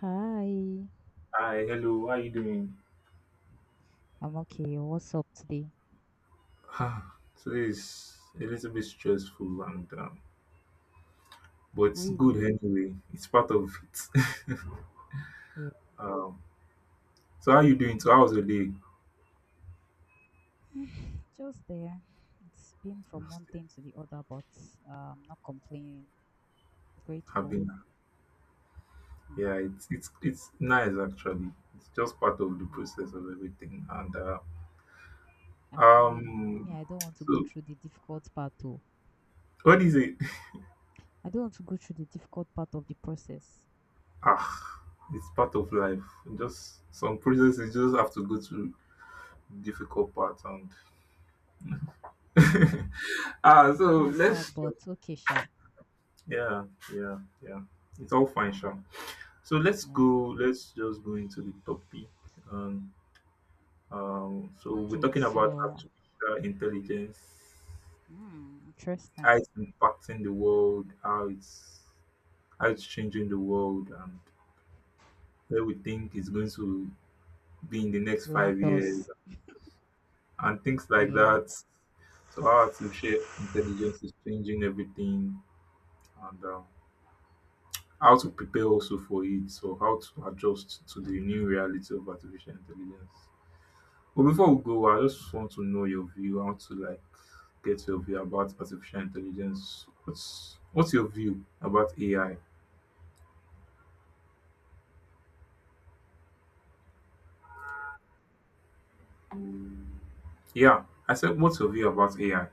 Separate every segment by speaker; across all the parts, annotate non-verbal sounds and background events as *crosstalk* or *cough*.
Speaker 1: Hi,
Speaker 2: Hi, hello. How are you doing?
Speaker 1: I'm okay. What's up today?
Speaker 2: Ah, Today is a little bit stressful and but it's good
Speaker 1: Really?
Speaker 2: anyway. It's part of it.
Speaker 1: Yeah,
Speaker 2: *laughs* um, so how are you doing? So how was your day?
Speaker 1: just there. It's been from one thing to the other, but not complaining.
Speaker 2: Have
Speaker 1: Grateful.
Speaker 2: been.
Speaker 1: Mm,
Speaker 2: Yeah, it's nice actually. It's just part of the
Speaker 1: yeah.
Speaker 2: process of everything. And
Speaker 1: Ah, really? Yeah,
Speaker 2: um,
Speaker 1: I don't want to go
Speaker 2: so
Speaker 1: through the difficult part though.
Speaker 2: what is it? *laughs*
Speaker 1: I don't want to go through the difficult part of the process.
Speaker 2: Ah, it's part of life. Just some processes just have to go through difficult parts and
Speaker 1: Wow,
Speaker 2: *laughs* ah. So
Speaker 1: that's sad,
Speaker 2: let's.
Speaker 1: but okay, sure.
Speaker 2: Yeah, yeah, yeah. It's all fine, Sha. So let's
Speaker 1: Yeah.
Speaker 2: go. Let's just go into the topic. Um, so we're
Speaker 1: Okay,
Speaker 2: talking about
Speaker 1: so
Speaker 2: artificial intelligence,
Speaker 1: hmm, interesting.
Speaker 2: how it's impacting the world, how it's changing the world, and where we think it's going to be in the next 5 years,
Speaker 1: Landos.
Speaker 2: and things like
Speaker 1: Yeah.
Speaker 2: that. So how artificial intelligence is changing everything, and how to prepare also for it or how to adjust to the new reality of artificial intelligence. But before we go, I just want to know your view. I want to like get your view about artificial intelligence. What's your view about AI? Yeah, I said, what's your view about AI?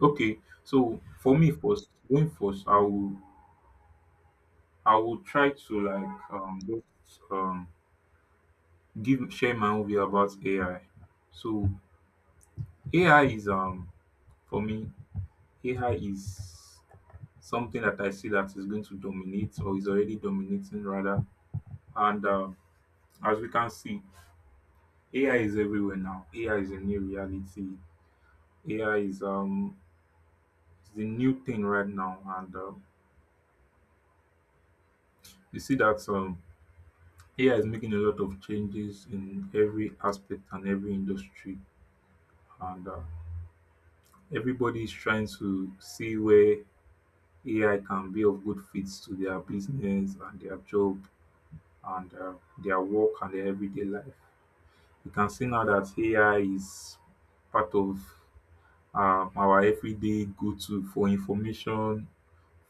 Speaker 2: Okay, so for me first, going first, I will try to like just give share my own view about AI. So AI is um for me AI is something that I see that is going to dominate or is already dominating rather. And As we can see, AI is everywhere now. AI is a new reality. AI is the new thing right now, and you see that AI is making a lot of changes in every aspect and every industry, and everybody is trying to see where AI can be of good fits to their business and their job and their work and their everyday life. You can see now that AI is part of our everyday go to for information,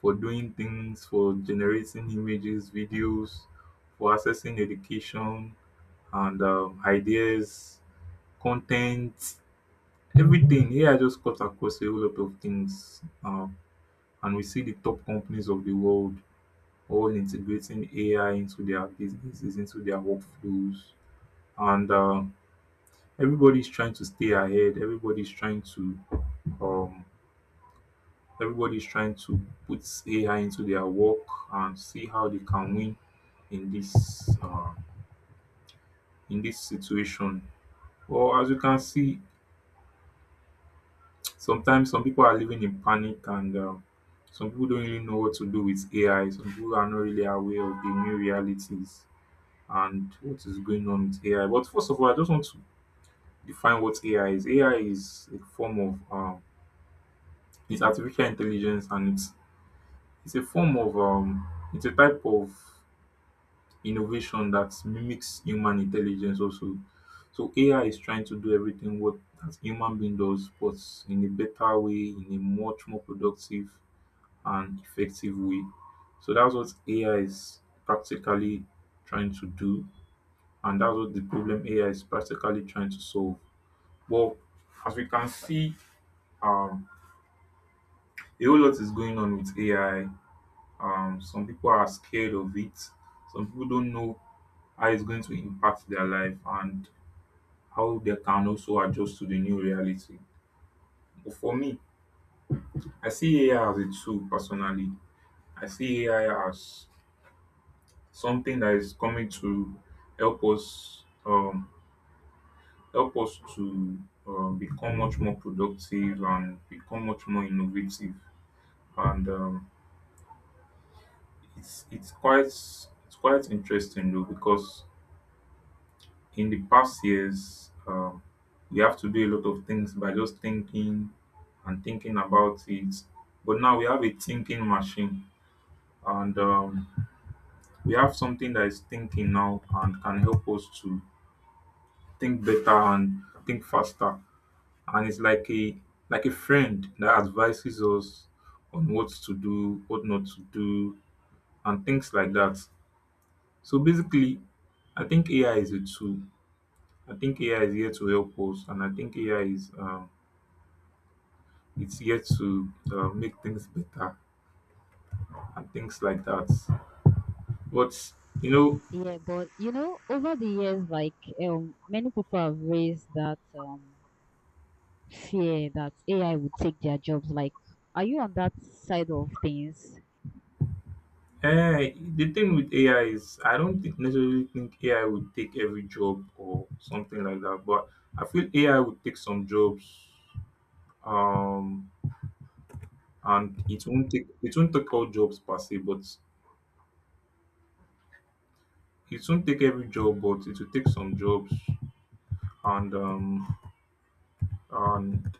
Speaker 2: for doing things, for generating images, videos, for accessing education and ideas, content, everything. AI just cuts across a whole lot of things. And we see the top companies of the world all integrating AI into their businesses, into their workflows. And everybody's trying to stay ahead. Um everybody's trying to put ai into their work and see how they can win in this situation. Well, as you can see, sometimes some people are living in panic and some people don't really know what to do with ai. Some people are not really aware of the new realities and what is going on with ai. But first of all, I just want to define what ai is. Ai is a form of it's artificial intelligence and It's a form of um it's a type of innovation that mimics human intelligence also. So AI is trying to do everything what that human being does, but in a better way, in a much more productive and effective way. So that's what AI is practically trying to do, and that's what the problem AI is practically trying to solve. Well, as we can see, um, a whole lot is going on with AI. Some people are scared of it. Some people don't know how it's going to impact their life and how they can also adjust to the new reality. But for me, I see ai as a tool. Personally, I see ai as something that is coming to help us um, help us to become much more productive and become much more innovative, and it's quite interesting though, because in the past years, we have to do a lot of things by just thinking and thinking about it. But now we have a thinking machine, and we have something that is thinking now and can help us to think better and think faster. And it's like a friend that advises us on what to do, what not to do, and things like that. So basically, I think AI is a tool. I think AI is here to help us, and I think AI is it's here to make things better and things like that. But, you know,
Speaker 1: Yeah, but you know, over the years, like many people have raised that fear that AI would take their jobs. Like, are you on that side of things?
Speaker 2: the thing with AI is I don't think necessarily think AI would take every job or something like that. But I feel AI would take some jobs, um, and it won't take all jobs per se, but it won't take every job, but it will take some jobs, and um, and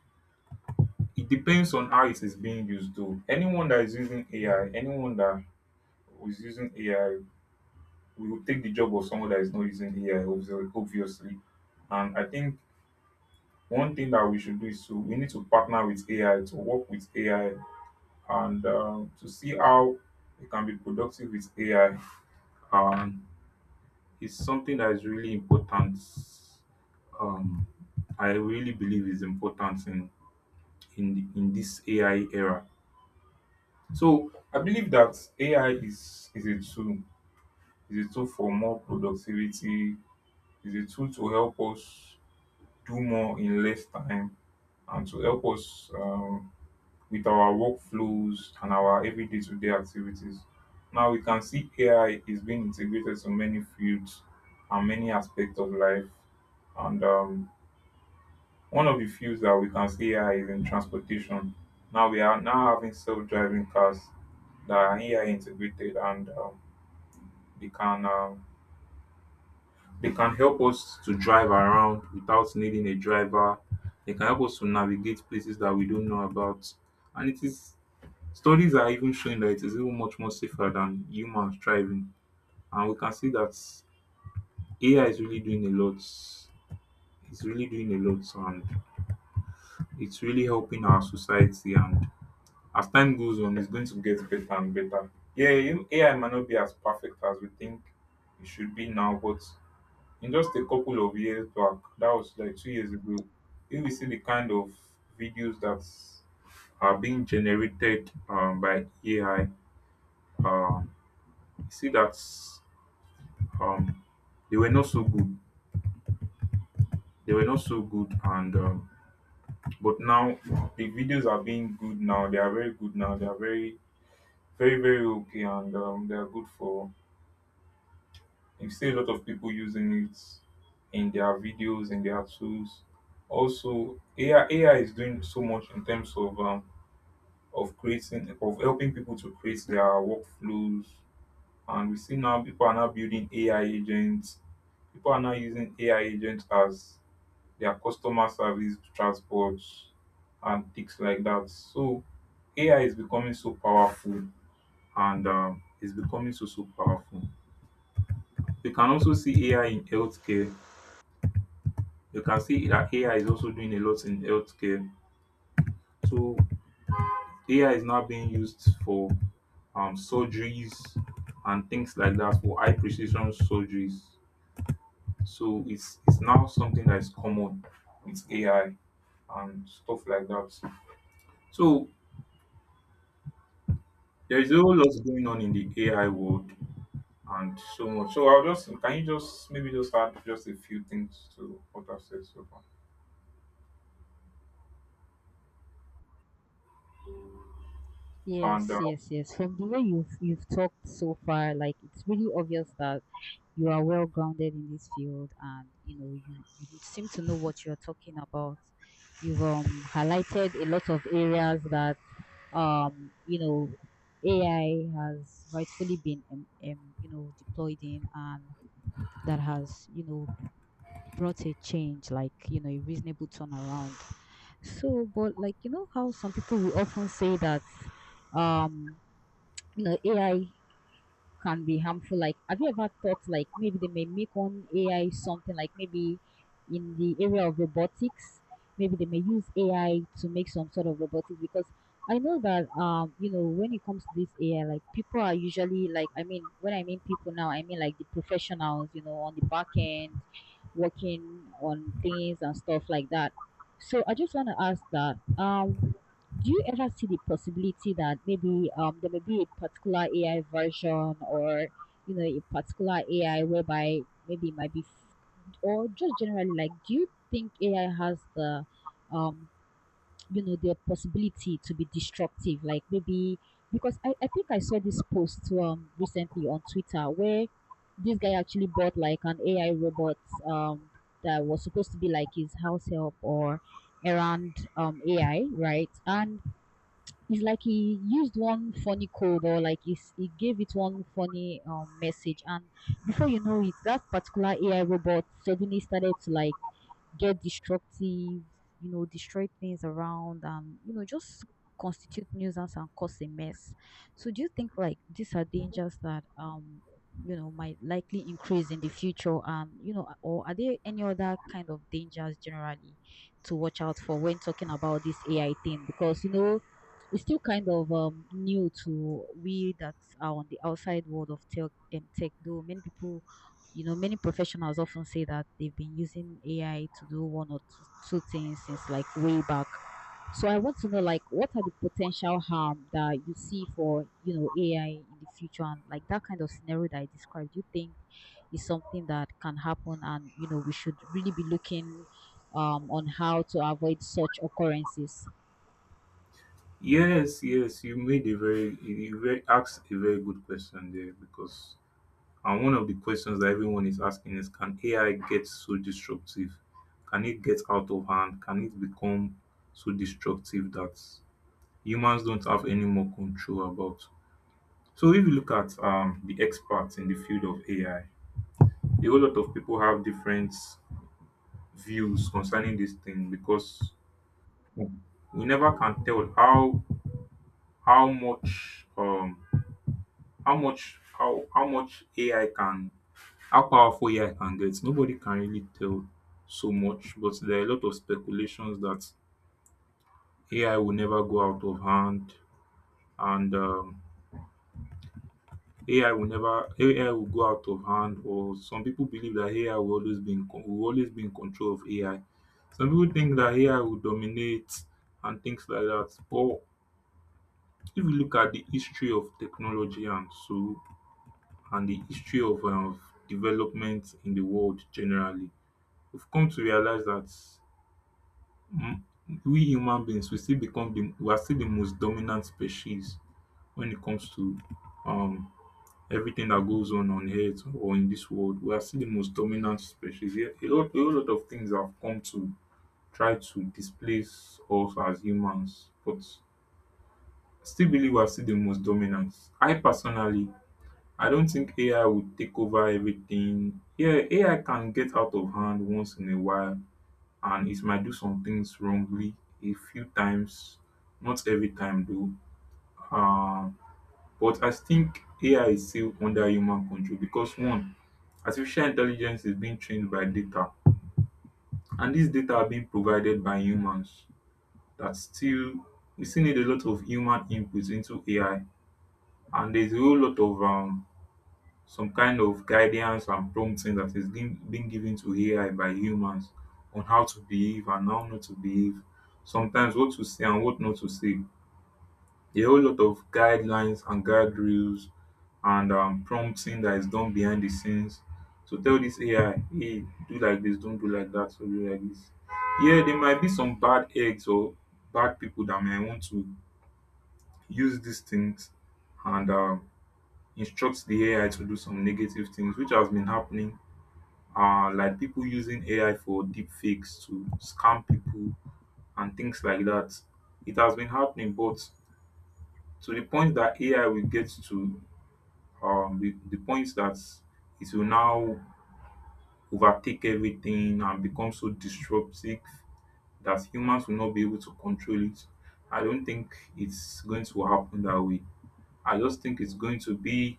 Speaker 2: it depends on how it is being used though. Anyone that is using AI, anyone that is using AI will take the job of someone that is not using AI, obviously. And I think one thing that we should do is to we need to partner with AI, to work with AI, and to see how we can be productive with AI. Um, it's something that is really important. Um, I really believe is important in this AI era. So I believe that AI is a tool, is a tool for more productivity, is a tool to help us do more in less time and to help us with our workflows and our everyday to day activities. Now we can see AI is being integrated to many fields and many aspects of life. And one of the fields that we can see AI is in transportation. Now we are now having self driving cars that are AI integrated, and um, they can um, they can help us to drive around without needing a driver. They can help us to navigate places that we don't know about. And it is studies are even showing that it is even much more safer than humans driving. And we can see that AI is really doing a lot. It's really doing a lot, and it's really helping our society, and as time goes on it's going to get better and better. Yeah, AI might not be as perfect as we think it should be now, but in just a couple of years back, that was like 2 years ago, if we see the kind of videos that are being generated by AI, um, you see that um, they were not so good. They were not so good, and but now the videos are being good now. They are very good now. They are very, very, very okay, and they are good for. You see a lot of people using it in their videos, in their tools. Also, AI is doing so much in terms of creating of helping people to create their workflows. And we see now people are now building AI agents. People are now using AI agents as their customer service, transport, and things like that. So AI is becoming so powerful, and is becoming so powerful. We can also see AI in healthcare. You can see that AI is also doing a lot in healthcare. So AI is now being used for surgeries and things like that, for high precision surgeries. So it's now something that is common with AI and stuff like that. So there is a whole lot going on in the AI world and so much. So I'll just can you just maybe just add just a few things to what I've said so far. And
Speaker 1: Yes, yes, yes. From the way you've talked so far, like it's really obvious that you are well grounded in this field, and you know you seem to know what you're talking about. You've highlighted a lot of areas that you know AI has rightfully been you know deployed in, and that has you know brought a change, like you know a reasonable turnaround. So, but like you know how some people will often say that um you know AI can be harmful. Like, have you ever thought like maybe they may make on AI something like maybe in the area of robotics, maybe they may use AI to make some sort of robotics? Because I know that you know when it comes to this AI, like people are usually like, I mean, when I mean people, now I mean like the professionals, you know, on the back end working on things and stuff like that. So I just want to ask that do you ever see the possibility that maybe there may be a particular AI version, or you know a particular AI whereby maybe it might be or just generally, like, do you think AI has the um you know the possibility to be destructive? Like maybe, because I think I saw this post recently on Twitter where this guy actually bought like an AI robot um that was supposed to be like his house help, or around AI, right? And it's like he used one funny code, or like he gave it one funny message, and before you know it, that particular AI robot suddenly started to like get destructive, you know, destroy things around, and you know just constitute nuisance and cause a mess. So do you think like these are dangers that you know might likely increase in the future? And you know, or are there any other kind of dangers generally to watch out for when talking about this AI thing? Because you know, it's still kind of new to we that are on the outside world of tech, tech, though many people, you know, many professionals often say that they've been using AI to do two things since like way back. So I want to know, like, what are the potential harm that you see for, you know, AI in the future? And like that kind of scenario that I described, do you think is something that can happen, and you know we should really be looking on how to avoid such occurrences?
Speaker 2: Yes, yes, you made a very you very asked a very good question there, because and one of the questions that everyone is asking is can AI get so destructive? Can it get out of hand? Can it become so destructive that humans don't have any more control about? So if you look at the experts in the field of AI, a whole lot of people have different views concerning this thing, because we never can tell how much how much AI can, how powerful AI can get, nobody can really tell so much. But there are a lot of speculations that AI will never go out of hand, and AI will never AI will go out of hand, or some people believe that AI will always be in control of AI. Some people think that AI will dominate and things like that. But if you look at the history of technology and the history of development in the world generally, we've come to realize that mm, we human beings we are still the most dominant species when it comes to um everything that goes on earth or in this world. We are still the most dominant species. Yeah, a lot, a whole lot of things have come to try to displace us as humans, but I still believe we are still the most dominant. I personally, I don't think AI would take over everything. Yeah, AI can get out of hand once in a while, and it might do some things wrongly a few times, not every time though. Uh, but I think AI is still under human control, because one, artificial intelligence is being trained by data, and these data are being provided by humans. That still, we still need a lot of human input into AI, and there's a whole lot of some kind of guidance and prompting that is being given to AI by humans on how to behave and how not to behave. Sometimes what to say and what not to say. A whole lot of guidelines and guardrails, and prompting that is done behind the scenes to tell this AI, hey, do like this, don't do like that, so do like this. Yeah, there might be some bad eggs or bad people that may want to use these things, and instruct the AI to do some negative things, which has been happening, like people using AI for deep fakes to scam people and things like that. It has been happening, but to the point that AI will get to, the point that it will now overtake everything and become so disruptive that humans will not be able to control it. I don't think it's going to happen that way. I just think it's going to be.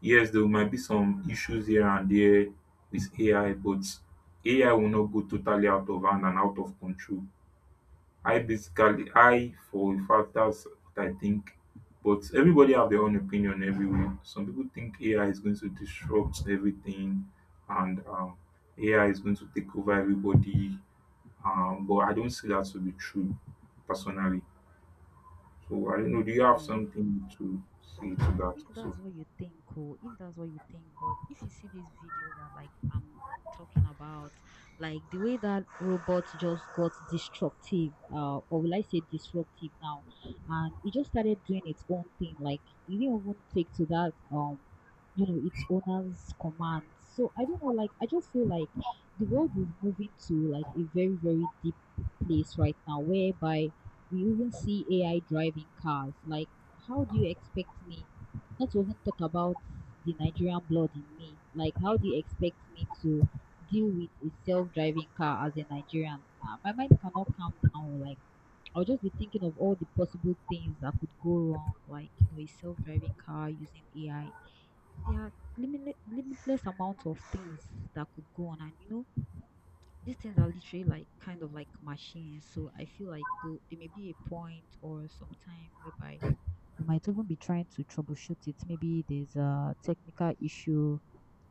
Speaker 2: Yes, there might be some issues here and there with AI, but AI will not go totally out of hand and out of control. I basically, I for a fact, that's what I think. But everybody have their own opinion everywhere. Some people think AI is going to disrupt everything, and AI is going to take over everybody. But I don't see that to be true, personally. So I don't know. Do you have something to say to that
Speaker 1: If that's
Speaker 2: also?
Speaker 1: what you think, cool. If that's what you think, but if you see this video that like I'm talking about, like the way that robot just got destructive, or will I say disruptive now, and it just started doing its own thing. Like it didn't even take to that, you know, its owner's command. So I don't know. Like I just feel like the world is moving to like a very deep place right now, whereby we even see AI driving cars. Like, how do you expect me? Let's even talk about the Nigerian blood in me. Like, how do you expect me to deal with a self-driving car as a Nigerian? My mind cannot calm down. Like, I'll just be thinking of all the possible things that could go wrong. Like, you know, a self-driving car using AI. There are limitless amount of things that could go on, and you know, these things are literally like kind of like machines. So I feel like though there may be a point or some time whereby you might even be trying to troubleshoot it. Maybe there's a technical issue,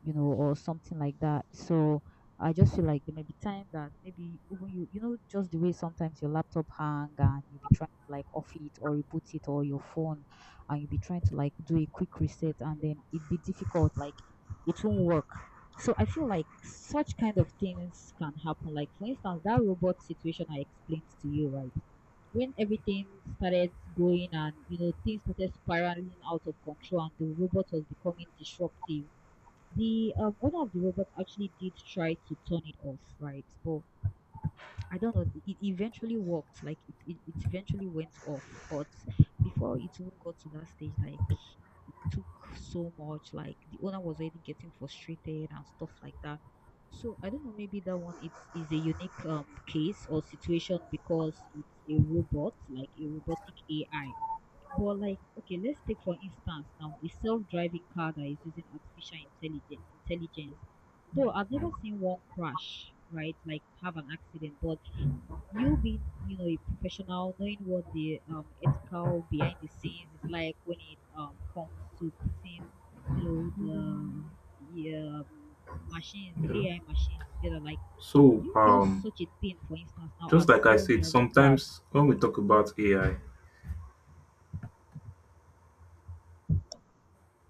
Speaker 1: you know, or something like that. So I just feel like there may be time that maybe even you, you know, just the way sometimes your laptop hang and you be trying to like off it or reboot it, or your phone, and you be trying to like do a quick reset and then it be difficult, like it won't work. So I feel like such kind of things can happen. Like, for instance, that robot situation I explained to you, right? When everything started going and you know things started spiraling out of control and the robot was becoming disruptive, the owner of the robot actually did try to turn it off, right? But I don't know, it eventually worked, like it eventually went off, but before it even got to that stage, like took so much. Like the owner was already getting frustrated and stuff like that. So I don't know. Maybe that one is a unique case or situation, because it's a robot, like a robotic AI. But like, okay, let's take for instance now a self-driving car that is using artificial intelligence. Intelligence. Though I've never seen one crash, right? Like have an accident, but you being, you know, a professional, knowing what the ethical behind the scenes is like when it comes to putting, you know, the yeah, machines,
Speaker 2: Yeah.
Speaker 1: the AI machines together. Like,
Speaker 2: So
Speaker 1: do you feel
Speaker 2: um,
Speaker 1: such a thing, for instance, now
Speaker 2: Just
Speaker 1: as
Speaker 2: like I said,
Speaker 1: self-driving cars?
Speaker 2: sometimes when we talk about AI,